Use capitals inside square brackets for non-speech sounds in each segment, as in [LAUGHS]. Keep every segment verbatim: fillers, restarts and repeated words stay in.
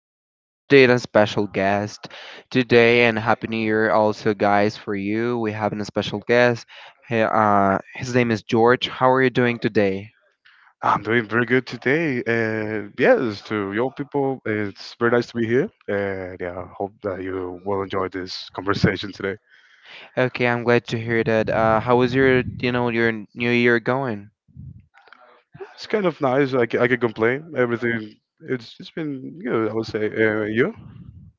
We have today a special guest today, and Happy New Year also, guys, for you. We have a special guest. He- uh, his name is George. How are you doing today? I'm doing very good today. Uh, yes, to your people, it's very nice to be here. And yeah, I hope that you will enjoy this conversation today. Okay, I'm glad to hear that. Uh, how was your, you know, your New Year going? It's kind of nice. I, ca- I can complain. Everything, it's, it's been good, I would say. Uh, you?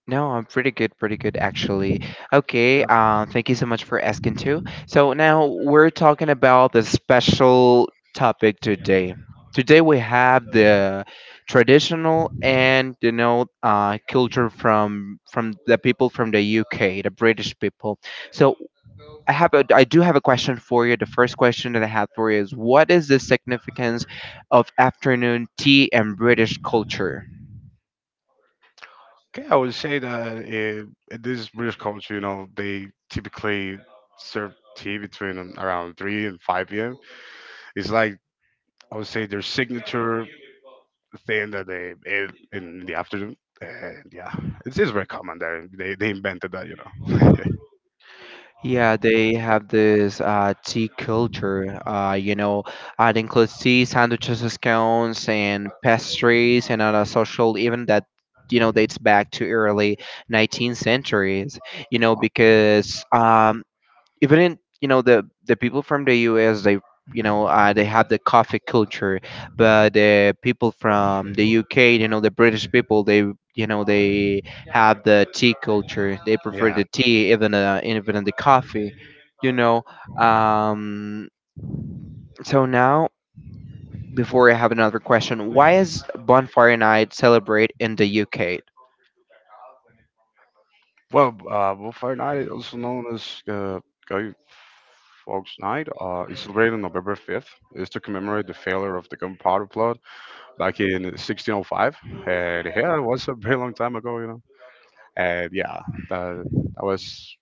No, I'm pretty good, pretty good actually. Okay, Yeah. uh, thank you so much for asking too. So now we're talking about the special topic today. Today we have the traditional and you know uh, culture from from the people from the U K, the British people. So I have a I do have a question for you. The first question that I have for you is, what is the significance of afternoon tea and British culture? Okay, I would say that in, in this British culture, you know, they typically serve tea between um, around three and five p m. It's like I would say their signature thing that they ate in in the afternoon. And yeah, it's, it's very common there. They, they invented that, you know. [LAUGHS] Yeah, they have this uh, tea culture. Uh, you know, uh, it includes tea, sandwiches, scones, and pastries, and on a social event that you know dates back to early nineteenth centuries. You know, Wow. because um, even in you know the the people from the U S, they you know uh, they have the coffee culture, but the people from the U K, you know the British people, they you know they have the tea culture. They prefer Yeah. the tea, even uh, even in the coffee. You know um so now before, I have another question. Why is bonfire night celebrate in the U K? Well, uh, Bonfire Night, also known as uh, Guy Fawkes Night, uh, is celebrated on November fifth. It's to commemorate the failure of the Gunpowder Plot back in sixteen oh five. And yeah, it was a very long time ago, you know. And yeah, that, that was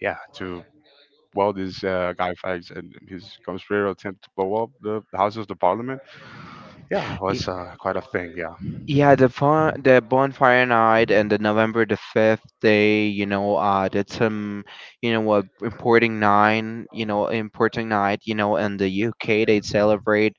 yeah, to well, this uh, guy Fawkes and his conspiratorial attempt to blow up the, the Houses of the Parliament. Yeah, it Y- was uh, quite a thing. Yeah. Yeah, the fun, the bonfire night and the November the fifth day, you know, uh, that's um, you know, what importing nine, you know, importing night, you know, in the U K they celebrate,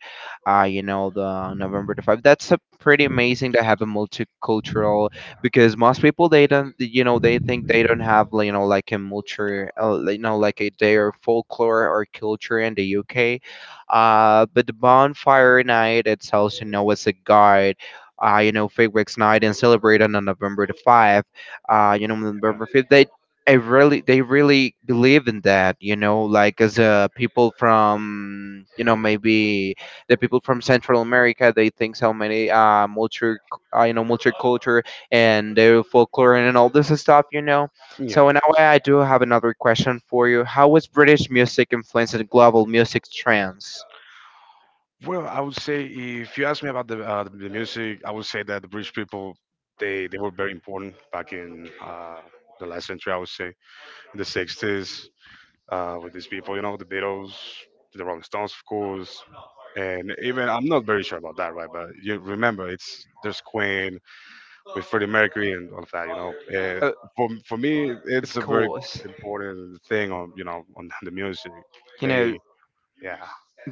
uh, you know, the November the fifth. That's a pretty amazing to have a multicultural because most people they don't, you know, they think they don't have, you know, like a multi, uh, you know, like a their folklore or culture in the U K. Uh, but the bonfire night, it's also known as a guide. Uh, you know, fireworks night and celebrated on November the fifth. Uh, you know, November fifth. yeah. They, I really, they really believe in that. You know, like as uh, people from, you know, maybe the people from Central America, they think so many uh, multi, uh, you know, multicultural and their folklore and all this stuff. You know, so Yeah. in a way, I do have another question for you. How was British music influencing global music trends? Well, I would say if you ask me about the uh, the music, I would say that the British people they they were very important back in uh, the last century. I would say in the sixties uh, with these people, you know, the Beatles, the Rolling Stones, of course, and even I'm not very sure about that, right? But you remember, it's there's Queen, with Freddie Mercury and all of that. You know, uh, Uh, for for me, it's a very important thing on you know on the music. know, They yeah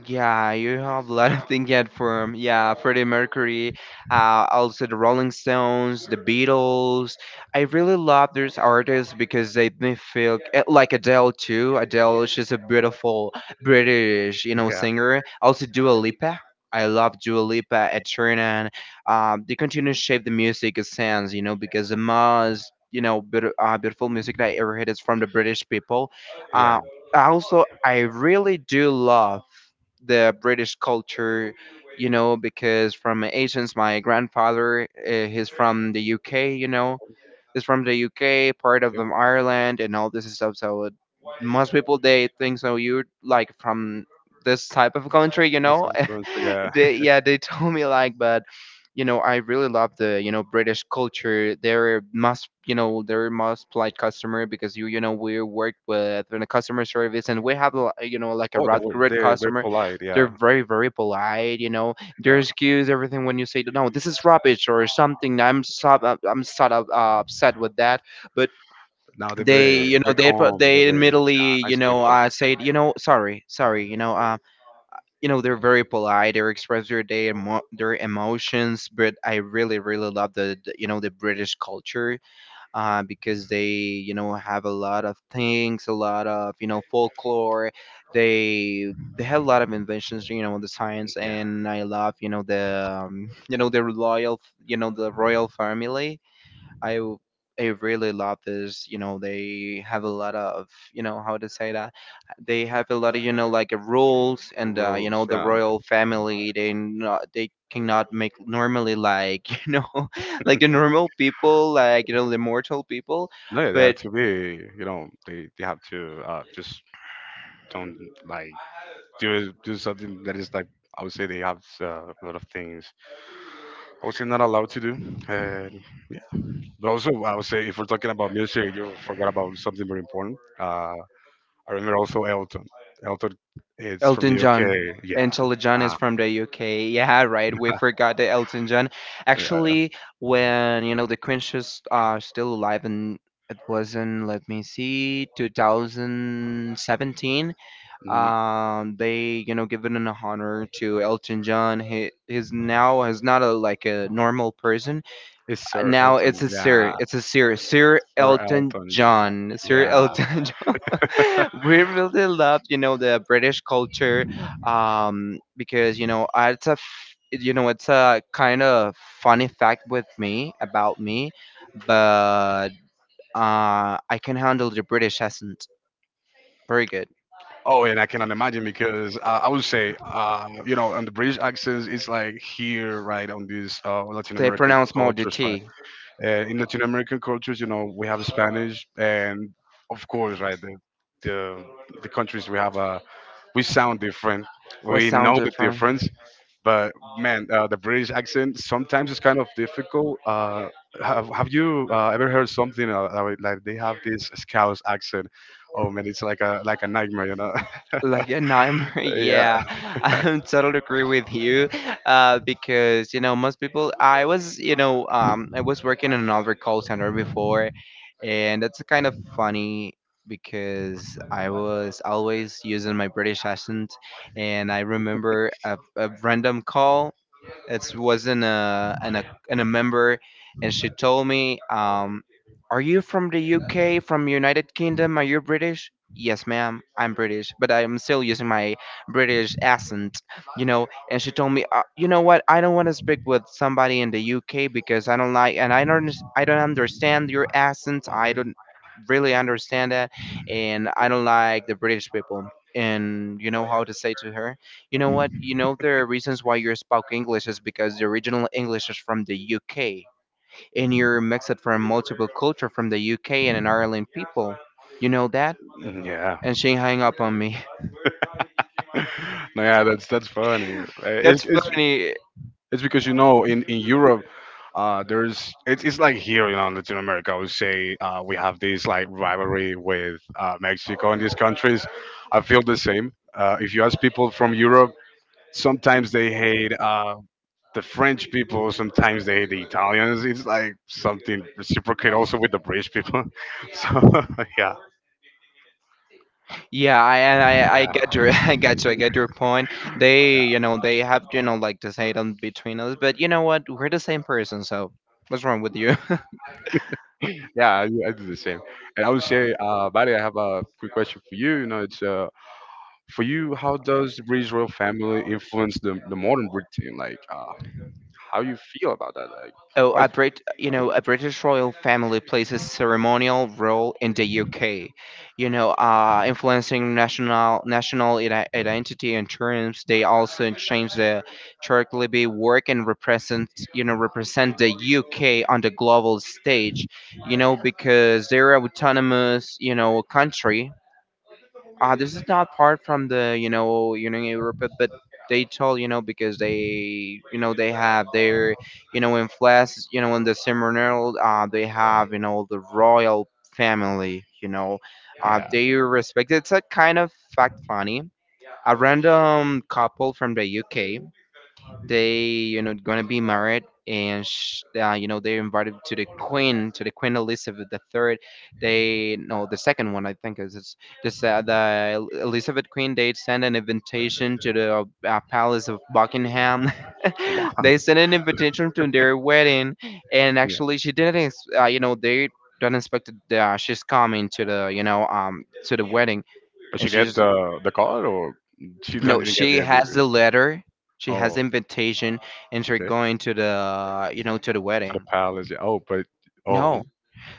yeah, you have a lot of things yet from yeah Freddie Mercury, uh, also the Rolling Stones, the Beatles. I really love those artists because they make me feel eh, like Adele too. Adele, she's a beautiful British, you know, yeah singer. Also Dua Lipa. I love Dua Lipa, Ed Sheeran. Um, they continue to shape the music sense, you know, because the most you know beaut- uh, beautiful music that I ever heard is from the British people. yeah Uh, yep. Also, I really do love the British culture, you know, because from Asians, my grandfather, uh, he's from the U K, you know, is from the U K, part of them Ireland, and all this stuff. So it- most people they think so you like from this type of country, you The know. South Country, [LAUGHS] yeah. They, yeah, they [LAUGHS] told me, like, but you know, I really love the you know British culture. They're must you know they're most polite customer, because you you know we work with in a customer service, and we have a lo- you know like a Oh, they red were red they they're customer. polite. They're Yeah very very polite, you know they yeah excuse everything. When you say, no, this is rubbish or something, i'm so, i'm sort of uh, upset with that, but Now they're very, they you know very they pro- calm. They're they very admittedly you nice know people. uh, said you know sorry sorry you know uh you know they're very polite. They express their day emo- their emotions, but I really really love the, the you know the British culture, uh, because they you know have a lot of things, a lot of you know folklore. They they have a lot of inventions, you know, in the science, Yeah, and I love you know the um, [LAUGHS] you know the royal you know the royal family. I w- I really love this. You know, they have a lot of you know how to say that. They have a lot of you know like uh, rules and uh, you rules. know the Yeah. royal family. They not, they cannot make normally like [LAUGHS] you know like the normal people, like you know the mortal people, No, yeah, they have but to be. You know, they they have to uh just don't like do do something that is like I would say they have uh, a lot of things I would say not allowed to do. And yeah, but also I would say if we're talking about music, you forgot about something very important. Uh, I remember also Elton. Elton, it's from the Elton U K. John. Yeah. Elton John is Uh, from the U K. Yeah, right. We forgot the Elton John. Actually, when you know the Queen was uh, still alive, and it was in, let me see, twenty seventeen. yeah. Um, they you know given an honor to Elton John. He is now is not a like a normal person. It's Sir Now Elton. it's a sir. Yeah, It's a sir. Sir Sir Elton Elton John. John. Sir Yeah. Elton. [LAUGHS] [LAUGHS] We really love you know the British culture, um because you know I- it's a f- you know it's a kind of funny fact with me about me, but uh I can handle the British accent very good. Oh, and I cannot imagine because uh, I would say, uh, you know, on the British accents, it's like here, right, on these uh, Latin They American pronounce more the cultures, right? T. Uh, in Latin American cultures, you know, we have Spanish, and of course, right, the the, the countries we have, uh, we sound different. What We sound know the different? difference, but man, uh, the British accent sometimes is kind of difficult. Uh, have, have you uh, ever heard something uh, uh, like they have this Scouse accent? Oh man, it's like a like a nightmare, you know? Like a nightmare. [LAUGHS] [LAUGHS] yeah. Yeah, I totally agree with you, uh because you know most people. I was you know um I was working in another call center before, and that's kind of funny because I was always using my British accent. And I remember a, a random call. It wasn't a and a and a member, and she told me, um, "Are you from the U K? From United Kingdom? Are you British?" Yes, ma'am, I'm British, but I'm still using my British accent, you know. And she told me, uh, "You know what? I don't want to speak with somebody in the U K, because I don't like, and I don't unders- I don't understand your accent. I don't really understand that, and I don't like the British people." And you know how to say to her? You know what? You know the reasons why you spoke English is because the original English is from the U K, and you're mixed from multiple culture from the U K and an Ireland people. You know that? Mm, yeah. And she hung up on me. [LAUGHS] no, yeah, that's that's funny. [LAUGHS] Uh, That's It's, it's, funny. It's because you know in in Europe, uh, there's it's it's like here you know in Latin America. I would say uh, we have this like rivalry with uh, Mexico and these countries. I feel the same. Uh, if you ask people from Europe, sometimes they hate uh, the French people. Sometimes they hate the Italians. It's like something reciprocate also with the British people. [LAUGHS] So [LAUGHS] yeah, Yeah, I and I I get your [LAUGHS] yeah. I get you. I get your point. They you know they have you know like this hate on between us, but you know what? We're the same person, so what's wrong with you? Yeah, I, I do the same. And I would say, uh, Buddy, I have a quick question for you. You know, it's uh, for you, how does Israel family influence the, the modern routine? Like, uh, how you feel about that? Like, Oh, why is a Brit, you know, a British royal family plays a ceremonial role in the U K, you know, uh, influencing national national ide- identity and terms. They also change the Turkey work and represent, you know, represent the U K on the global stage, you know, because they're autonomous, you know, country. Uh, this is not part from the you know Union Europe, but they told you know because they you know they have their you know in flesh you know in the ceremonial. Uh they have you know the royal family, you know. Uh they respect. It's a kind of fact funny. A random couple from the U K, they you know gonna be married, and sh- uh, you know they're invited to the queen, to the queen Elizabeth the Third. They, no, the second one, I think is it's this. Uh, the El- elizabeth queen, they send an invitation to the uh, palace of Buckingham. wow? [LAUGHS] They sent an invitation [LAUGHS] to their wedding, and Yeah. actually, she didn't ex- uh, you know they don't expect that, uh, she's coming to the you know um to the wedding. But And she get she's the the call, or she don't- no, didn't get the she has invitation? the letter. She has Oh, the invitation, and she's okay. going to the you know to the To the wedding. palace. Yeah. Oh, but oh, No,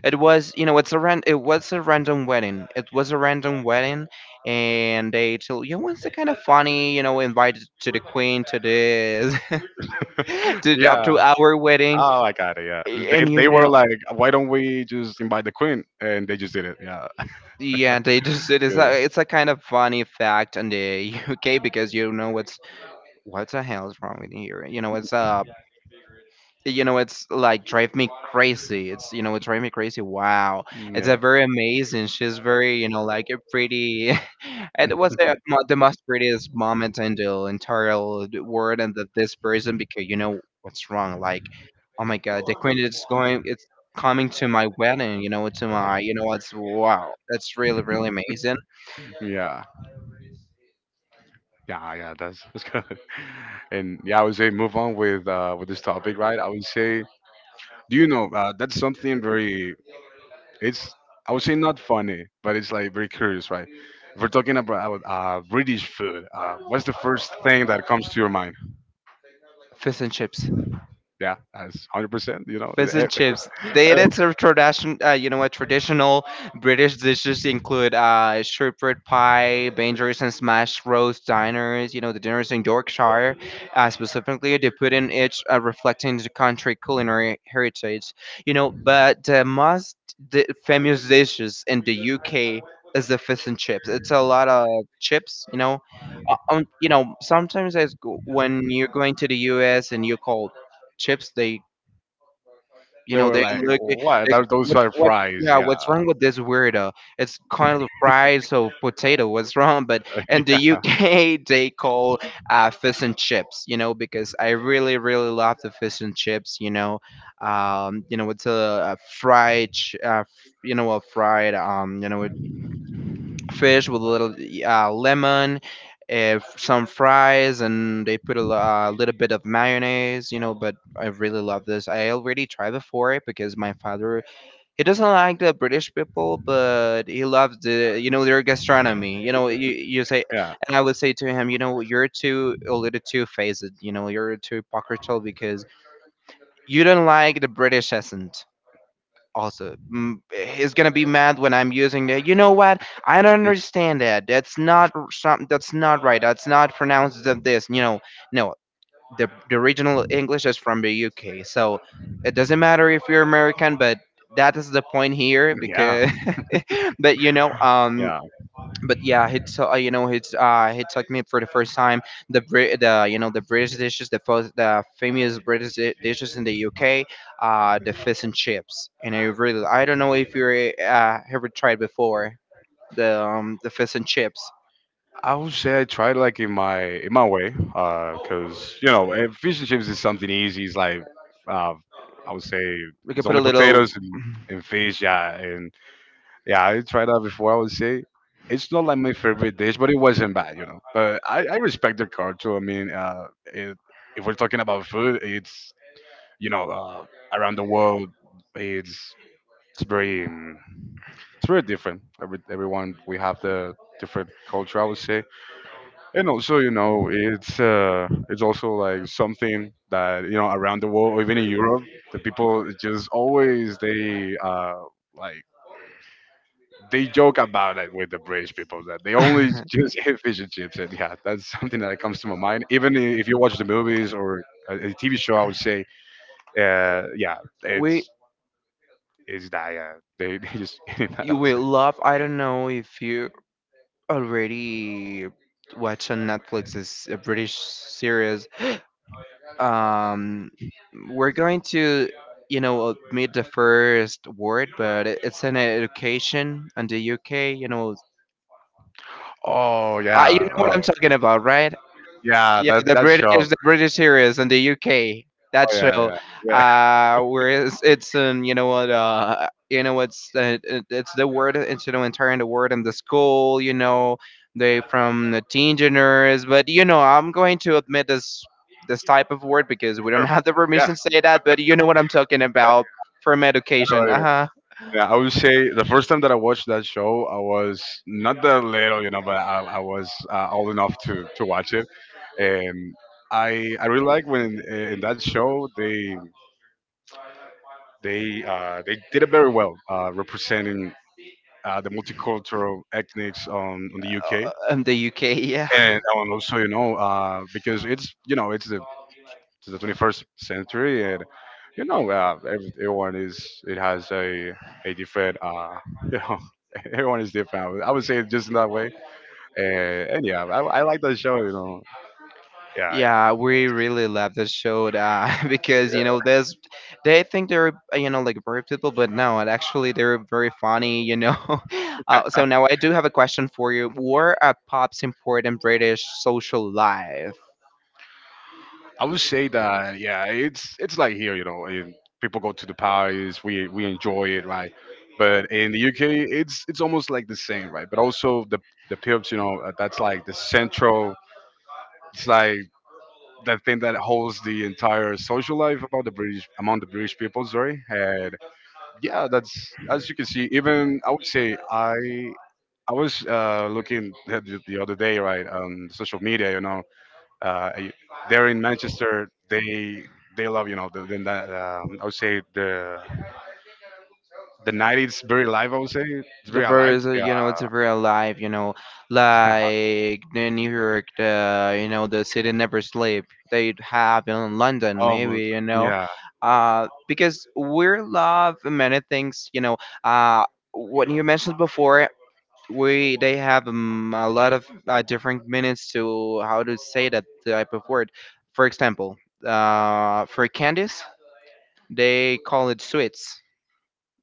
it was you know it's a ran- it was a random wedding. It was a random wedding, and they told you know, it's kind of funny, you know invited to the queen to this. [LAUGHS] [LAUGHS] To the- up yeah. to our wedding, Oh, I got it. Yeah. They and you they were know. like, why don't we just invite the queen? And they just did it. Yeah. Yeah, they just it [LAUGHS] is Good. a, it's a kind of funny fact in the U K, because you know it's, what the hell is wrong with here? You know, it's uh, you know, it's like drive me crazy. It's you know, it drive me crazy. Wow, it's a Yeah. very amazing. She's very you know, like a pretty. [LAUGHS] It was the, mo- the most prettiest moment in the entire world, and that this person, because you know what's wrong. Like, oh my god, the queen is going. It's coming to my wedding. You know, to my. You know, it's wow. That's really really amazing. Yeah. Yeah, yeah, that's that's good. [LAUGHS] And yeah, I would say move on with uh with this topic, right? I would say, do you know, uh, that's something very it's I would say not funny, but it's like very curious, right? If we're talking about uh uh, British food, uh what's the first thing that comes to your mind? Fish and chips. Yeah, that's one hundred percent, you know. Fish and chips. They edits [LAUGHS] a tradition, uh, you know what, traditional British dishes include uh, shepherd pie, bangers and smash roast diners. You know the dinners in Yorkshire, uh, specifically they put in each uh, reflecting the country culinary heritage. You know, but the most the famous dishes in the U K is the fish and chips. It's a lot of chips. You know, uh, um, you know sometimes as go- when you're going to the U S and you call chips they you They know, were they like, look at "What? they, That- Those what, are what, fries." yeah, Yeah. what's wrong with this weirdo? It's kind of fried, so potato. What's wrong? But in the [LAUGHS] U K, [LAUGHS] they call uh, fish and chips. You know, because I really, really love the fish and chips. You know, um, you know, it's a, a fried, ch- uh, f- you know, a fried, um, you know, fish with a little uh, lemon, uh, some fries, and they put a lo- uh, little bit of mayonnaise, you know. But I really love this. I already tried before because my father he doesn't like the British people, but he loves the you know Yeah. their gastronomy. You know, you [LAUGHS] you say, Yeah. and I would say to him, you know, you're too a little too faced. You know, you're too hypocritical because you don't like the British essence also mm, he's gonna be mad when I'm using the. You know what? I don't understand that. That's not r- some. That's not right. That's not pronounced as this. You know, no. The the original English is from the U K, so it doesn't matter if you're American, but that is the point here Yeah. because. [LAUGHS] but you know, um, Yeah. but yeah, he taught you know he t- uh he taught me for the first time the Brit the you know the British dishes the first the famous British di- dishes in the U K, uh the fish and chips. And I really, I don't know if you uh ever tried before the um the fish and chips. I would say I tried like in my in my way, because you know eh, fish and chips is something easy. It's like uh, I would say We can it's put a only little potatoes and, and fish, yeah, and yeah, I tried that before. I would say it's not like my favorite dish, but it wasn't bad, you know. But I, I respect the culture. I mean, uh, it, if we're talking about food, it's you know uh, around the world, it's it's very um, it's very different. Every, everyone we have the different culture, I would say, and also you know it's uh, it's also like something that you know around the world, or even in Europe, the people just always they uh, like they joke about it with the British people that they only [LAUGHS] just [LAUGHS] eat fish and chips, and yeah, that's something that comes to my mind. Even if you watch the movies or a, T V show, I would say, uh, yeah, we it's it's that yeah, they they just [LAUGHS] eat that. I You would will say. love, I don't know if you already watch on Netflix is a British series. Um, we're going to, you know, uh, meet the first word, but it- it's an education in the U K, you know. Oh I, you yeah, know what oh I'm talking about, right? yeah, Yeah, that the that British, show. the British series in the U K. That Oh yeah, show, yeah, yeah. [LAUGHS] uh, where it's, it's um, you know what, uh, you know what's, uh, it, it's the word, it's you know entire the word in the school. You know, they from the teen geners, but you know, I'm going to admit this this type of word because we don't [LAUGHS] have the yeah. permission to say that. But you know what I'm talking about from I know what education, uh you huh, Yeah, I would say the first time that I watched that show, I was not that little, you know, but I, I was uh, old enough to, to watch it, and I I really like when uh, in that show they they uh, they did it very well uh, representing uh, the multicultural ethnics on, on the U K and, in the U K. Yeah. and also you know uh, because it's you know it's the to the twenty-first century, and you know, uh, every, everyone is it has a a different, uh, [LAUGHS] you know, [LAUGHS] everyone is different. I would, I would say it just in that way, and, and yeah, I, I like that show. You know, yeah, yeah. Yeah, we really love this show uh, [LAUGHS] because you know there's they think they're uh, you know like brave people, but no, and actually they're very funny. You know, [LAUGHS] uh, so now I do have a question for you. What are pop's important British social life? I would say that yeah, it's it's like here, you know, in, people go to the parties, we we enjoy it, right? But in the U K, it's it's almost like the same, right? But also the the pubs, you know, uh, that's like the central. It's like the thing that holds the entire social life about the British among the British people. Sorry, and yeah, that's as you can see. Even I would say I I was uh, looking at the, the other day, right, on social media. You know, uh, I- they're in Manchester. They they love you know the, the uh, I would say the the night is very live. I would say it's The very alive. birds are, you know it's very alive, you know, Yeah, like the new york the you know the city never sleep. They have in [LAUGHS] london almost. maybe, you know, Yeah, uh because we love many things, you know. uh what you mentioned before, we they have um, a lot of uh, different minutes to how to say that type of word. For example, uh for candies they call it sweets.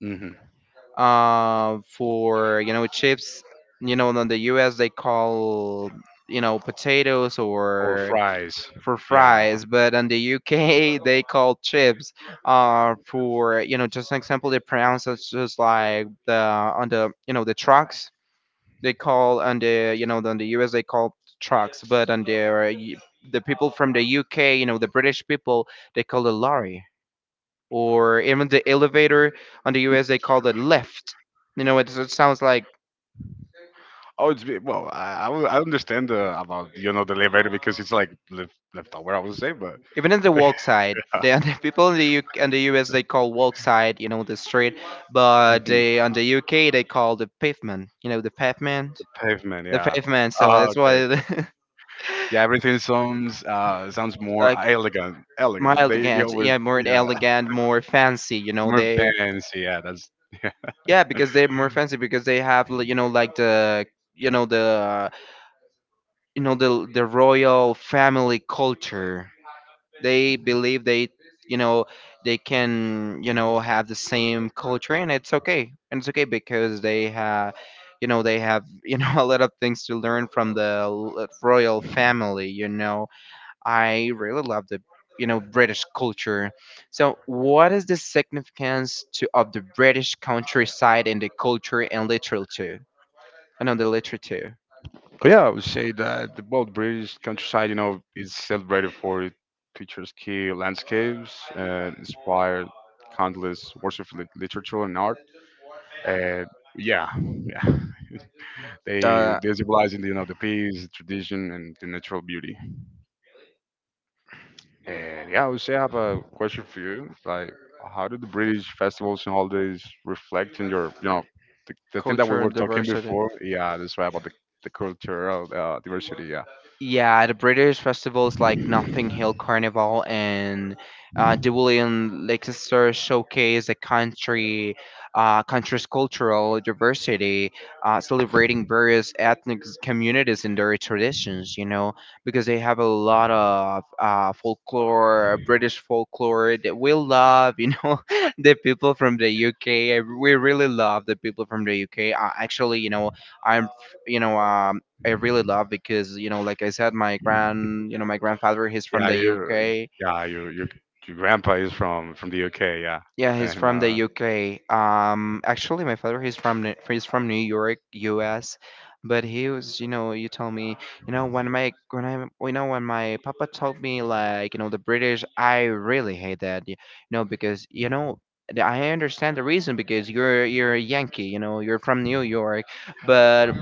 hmm uh, For you know chips. You know, in the U S they call you know potatoes or or fries. for Yeah. fries, but in the U K [LAUGHS] they call chips. Uh, for you know, just an example, they pronounce it just like the on the you know the trucks. They call on the you know on the U S They call trucks, but on the the people from the U K, you know, the British people, they call it lorry. Or even the elevator on the U S they call it lift. You know, it, it sounds like Oh, it's be- well. I I will- I understand uh, about you know the elevator because it's like left left I would say, but even in the [LAUGHS] yeah. walk side, the, [LAUGHS] the people in the U, in the U S they call walk side, you know, the street, but Mhm. they on the U K they call the pavement, you know, the pavement, the pavement, the yeah. pavement. So Ah, that's okay, why okay. the- Yeah, everything sounds uh [LAUGHS] sounds more like elegant, more elegant. They they elegant, always yeah, more yeah elegant, more fancy, you know, more they. fancy. Yeah, that's [LAUGHS] Yeah, because they're more fancy because they have li- you know like the you know the you know the the royal family culture. They believe they, you know, they can, you know, have the same culture and it's okay. And it's okay because they have, you know, they have [LAUGHS] you know a lot of things to learn from the l- royal family, you know. I really love the, you know, British culture. So what is the significance to of the british countryside in the culture and literature? I know the literature. But yeah, I would say that the well, British countryside, you know, is celebrated for its picturesque landscapes and inspired countless works of lit- literature and art. And yeah, yeah, [LAUGHS] they uh, they symbolize you know the peace, tradition, and the natural beauty. And yeah, I would say I have a question for you. Like, how do the British festivals and holidays reflect in your, you know, the, the thing that we Cultural were talking diversity. before? Yeah, that's right about the the cultural uh, diversity. Yeah. Yeah, the British festivals like Nothing Hill Carnival and uh, the William Leicester showcase the country, uh, country's cultural diversity, uh, celebrating various ethnic communities and their traditions. You know, because they have a lot of uh, folklore, British folklore that we love. You know, [LAUGHS] the people from the U K. We really love the people from the U K. Uh, actually, you know, I'm, f- you know, um I really love because you know, like I said, my grand, you know, my grandfather, he's from Yeah, the you, U K. yeah, you, your your grandpa is from from the U K, yeah, Yeah, he's and from the uh, U K. Um, actually, my father, he's from New- he's from New York, U S. But he was, you know, you told me, you know, when my when I, you know, when my papa told me like, you know, the British, I really hate that, you know, because you know. the- I understand the reason because you're you're a Yankee, you know, you're from New York, but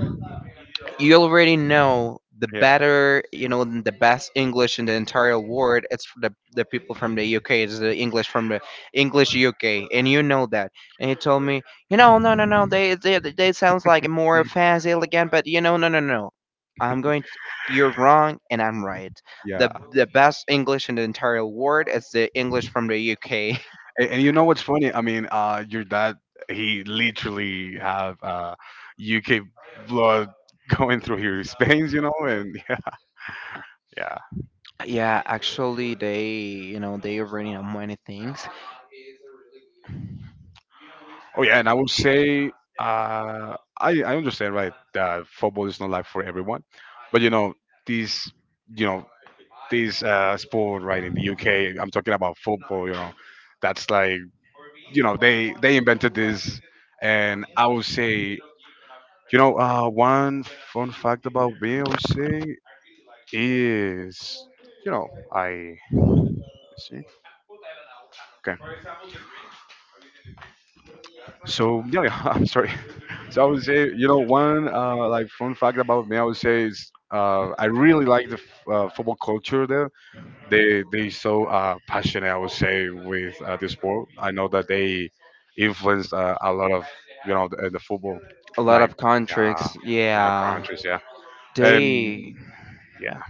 you already know the yeah, better, you know, the best English in the entire world. It's the the people from the U K. It's the English from the English U K, and you know that. And he told me, you know, no, no, no, they they they sounds like more fancy again, but you know, no, no, no, no. I'm going. to you're wrong and I'm right. The yeah, the best English in the entire world is the English from the U K. and, and you know what's funny? I mean, uh, your dad, he literally have uh U K blood [LAUGHS] going through his veins, you know, and [LAUGHS] yeah, [LAUGHS] Yeah, actually they, you know, they already know many things. oh yeah, and I would say uh, I I understand right that football is not like for everyone, but you know these you know this uh, sport right in the U K. I'm talking about football. You know that's like you know they they invented this, and I would say you know uh, one fun fact about me I would say is you know I let me see okay. So yeah, [LAUGHS] I'm sorry. [LAUGHS] So I would say, you know, one uh, like fun fact about me, I would say is uh, I really like the f- uh, football culture there. They they so uh, passionate, I would say, with uh, the sport. I know that they influenced uh, a lot of you know the, the football, A lot like of yeah, countries, other yeah. countries, yeah, and They, yeah.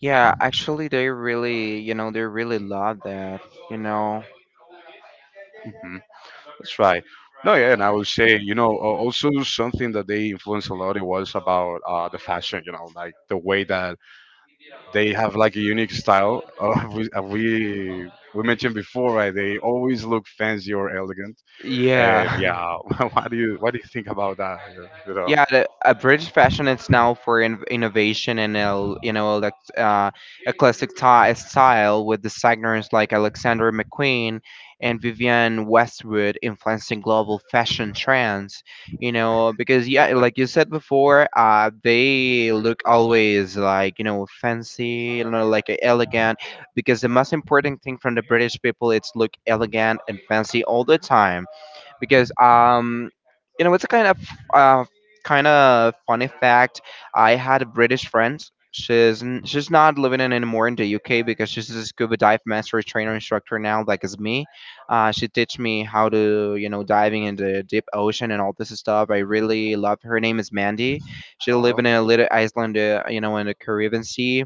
yeah, actually, they really, you know, they really love that, you know. hmm That's right. No, yeah, and I would say, you know, a- also something that they influenced a lot. It was about uh, the fashion, you know, like the way that they have like a unique style. Uh, [LAUGHS] we, uh, we we mentioned before, right? They always look fancy or elegant, and Yeah. yeah, [LAUGHS] [LAUGHS] what do you what do you think about that? You know, Yeah, the, a British fashion is now for in, innovation and el, you know elect, uh, eclectic ti- style with designers like Alexander McQueen and Vivienne Westwood influencing global fashion trends. You know because yeah, like you said before, uh, they look always like you know fancy, you know like elegant. Because the most important thing from the British people, it's look elegant and fancy all the time because um, you know it's a kind of uh, kind of funny fact. I had a British friend. She's n- she's not living in anymore in the U K because she's a scuba dive master trainer instructor now, like as me. Uh, she teach me how to you know diving in the deep ocean and all this stuff. I really love her. Name is Mandy. She live oh, in a little island, uh, you know, in the Caribbean Sea.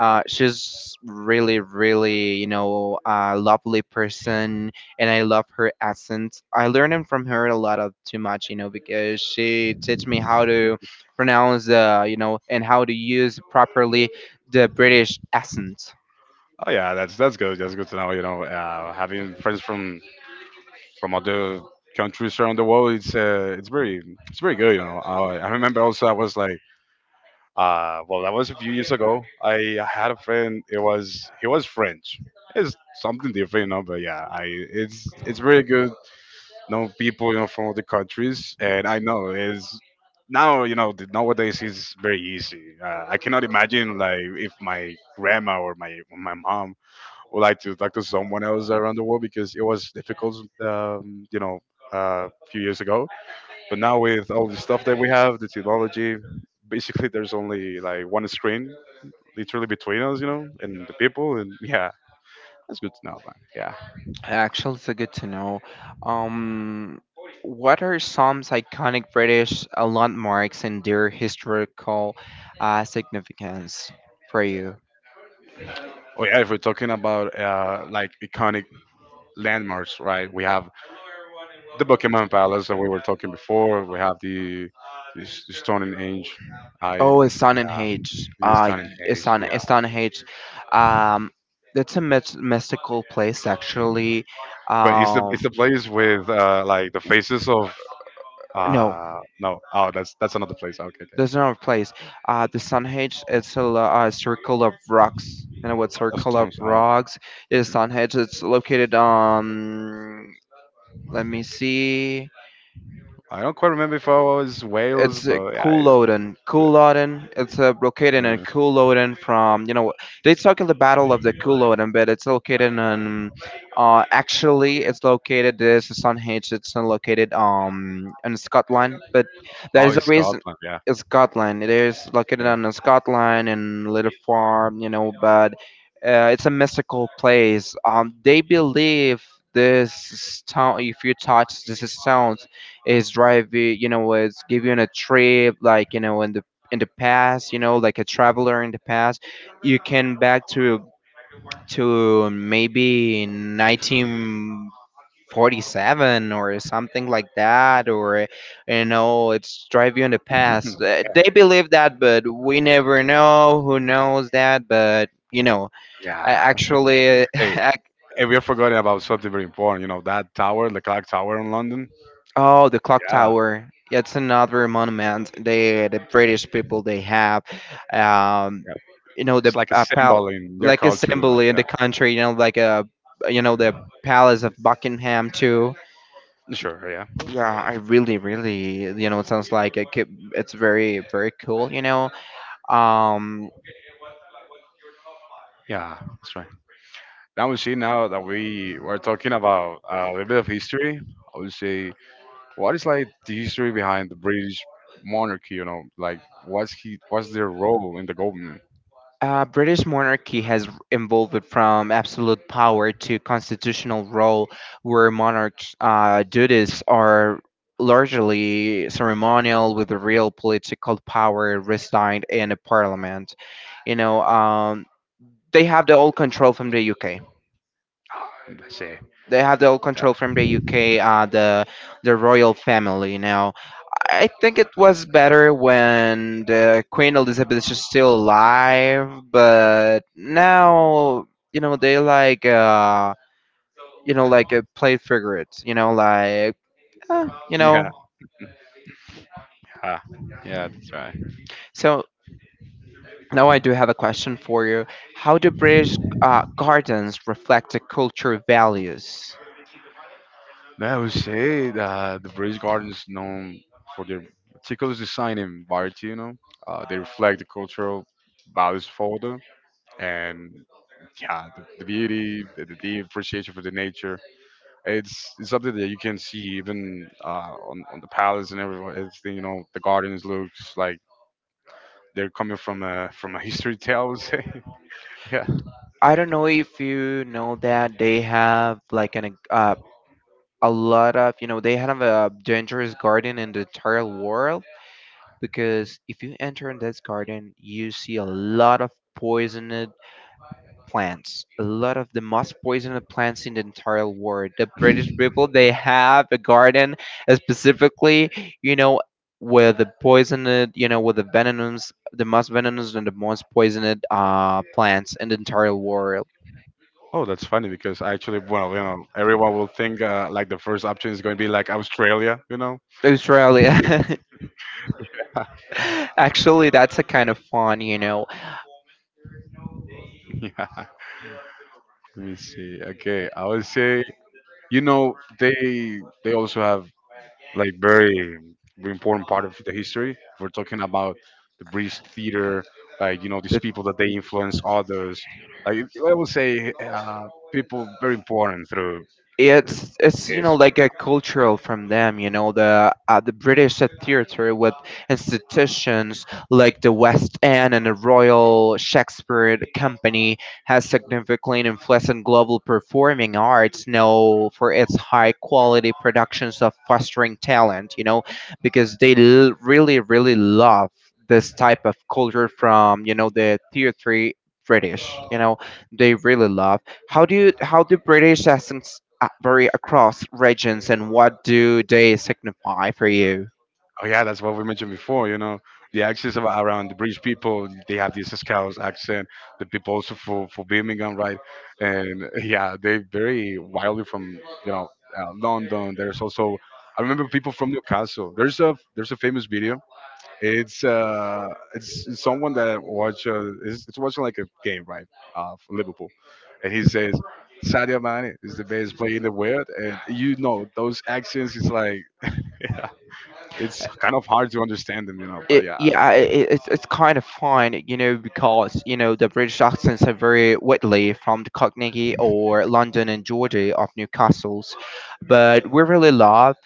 uh, She's really really, you know, a lovely person, and I love her accent. I learned from her a lot of too much, you know, because she teach me how to pronounce the, you know, and how to use properly the British accent. oh yeah, that's that's good. That's good to know. You know, uh, having friends from from other countries around the world. It's uh, it's very it's very good. You know, I, I remember also I was like, uh, well, that was a few years ago. I had a friend. It was he was French. It's something different, you know. But yeah, I it's it's very good. You know people, you know, from other countries, and I know is now you know the- nowadays it's very easy. Uh, I cannot imagine like if my grandma or my my mom would like to talk to someone else around the world because it was difficult, um, you know, uh, a few years ago. But now with all the stuff that we have, the technology, basically there's only like one screen literally between us, you know, and the people. And [LAUGHS] yeah, that's good to know, man. Yeah. Actually, it's good to know. Um, what are some iconic British uh, landmarks and their historical uh, significance for you? Oh yeah, if we're talking about uh, like iconic landmarks, right? We have the Buckingham Palace that we were talking before. We have the, the S- the Stone Age. I Oh, yeah, Stonehenge. He Uh, Tony y- Page, Stone, yeah. Stonehenge. Um, it's a myth- mystical place, actually. But it's the Um, it's the place with uh like the faces of no, uh no, oh, that's that's another place. Okay, okay, there's no place. Uh, the Stonehenge it's a, lo- uh circle of rocks. You know what of circle of Tom's. Oh, rocks? Is Stonehenge. It's located on. Let me see. okay. I don't quite remember if I was Wales, It's uh, but yeah it, Culloden. Culloden, it's uh, located in yeah. Culloden from, you know, they talking the Battle of the Culloden, but it's located in, uh, actually, it's located, this Stonehenge, it's not located um in Scotland, but there Oh, is a it's reason. Scotland, yeah. It's Scotland. It is located Yeah. on Scotland and Little Farm, you know, but uh, it's a mystical place. Um, they believe this stone, if you touch this stone, is drive you, you know, it's give you on a trip like, you know, in the in the past. You know, like a traveler in the past, you can back to to maybe nineteen forty-seven or something like that, or you know it's drive you in the past. Uh, [LAUGHS] they believe that but we never know who knows that, but you know I Yeah. actually [LAUGHS] [LAUGHS] Hey, I and we are forgetting about something very important. You know that tower, the clock tower in London. Oh, the clock Yeah, tower. Yeah, it's another monument. They, the British people, they have, um, yeah. you know, the It's like a uh, pal- symbol in their like a culture. You symbol know. in Yeah. the country. You know, like a, you know, the Palace of Buckingham too. Sure. Yeah. Yeah, I really, really, you know, it sounds like it could, it's very, very cool. You know, um. Yeah. That's right. Now we see now that we were talking about uh, a little bit of history. I would say what is like the history behind the British monarchy. You know, like what's he, what's their role in the government? Uh, British monarchy has evolved from absolute power to constitutional role, where monarchs' uh, duties are largely ceremonial, with the real political power residing in a parliament. You know, um, they have the all control from the U K. [SIGHS] Let's say. They have the all control from the U K, uh, the the royal family. You know, I think it was better when the Queen Elizabeth is still alive, but now you know they like uh you know like uh, played figurates, you know like, uh, you know. Yeah. Yeah. Yeah, that's right. So now I do have a question for you. How do British uh, gardens reflect the culture values? Man, I would say that the British Garden is known for their meticulous design and variety, you know. Uh, they reflect the cultural values further and yeah, the, the beauty, the, the deep appreciation for the nature. It's it's something that you can see even uh, on on the palace and everyone. Everything you know, the gardens looks like they're coming from a from a history tale, I would say. [LAUGHS] Yeah. I don't know if you know that they have like an uh, a lot of, you know, they have a dangerous garden in the entire world because if you enter in this garden, you see a lot of poisoned plants, a lot of the most poisoned plants in the entire world. The British people they have a garden uh, specifically, you know, with the poisoned, you know, with the venomous, the most venomous and the most poisoned uh plants in the entire world. Oh, that's funny because actually, well, you know, everyone will think uh, like the first option is going to be like Australia, you know? Australia. [LAUGHS] Actually, that's a kind of fun, you know. [LAUGHS] Yeah. Let me see. Okay, I would say you know they they also have like very important part of the history. We're talking about the British theater, like you know these people that they influence others. Like I would say, uh, people very important through uh, it's it's you know, history. like a cultural from them, you know, the uh, the british theater with institutions like the West End and the Royal Shakespeare Company has significantly influenced global performing arts, you know, for its high quality productions of fostering talent, you know, because they l- really really love this type of culture from, you know, the theater british, you know, they really love. How do you, how do British accents uh, vary across regions, and what do they signify for you? Oh yeah, that's what we mentioned before. You know, the accents of, around the British people, they have this Scouse accent. The people also for, for Birmingham, right? And [LAUGHS] yeah, they vary wildly from you know uh, London. There's also I remember people from Newcastle. There's a there's a famous video. It's uh it's someone that watch uh, it's, it's watching like a game, right? Uh, for Liverpool. And he says Sadio Mane is the best player in the world, and you know those accents. It's like [LAUGHS] yeah. It's kind of hard to understand them, you know. But it, yeah. Yeah, I- it, it's it's kind of fine, you know, because you know the British accents are very widely from the Cockney or London and Geordie of Newcastle's, but we really love.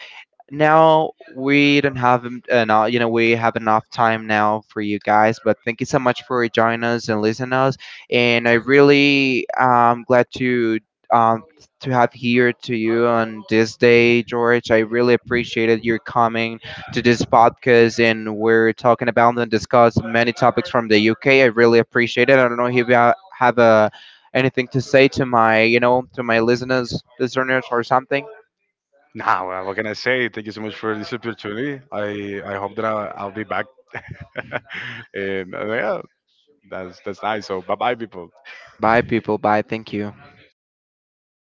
Now we don't have en- enough, you know, we have enough time now for you guys, but thank you so much for joining us and listening us, and I really am glad to um to have here to you on this day George. I really appreciated your coming to this podcast, and we're talking about and discuss many topics from the UK. I really appreciate it. I don't know if you ha- have a anything to say to my, you know, to my listeners listeners or something. Nah, well, what can I say? Thank you so much for this opportunity. I I hope that I'll, I'll be back. [LAUGHS] And uh, yeah, that's that's nice. So bye bye, people. Bye people, bye, thank you.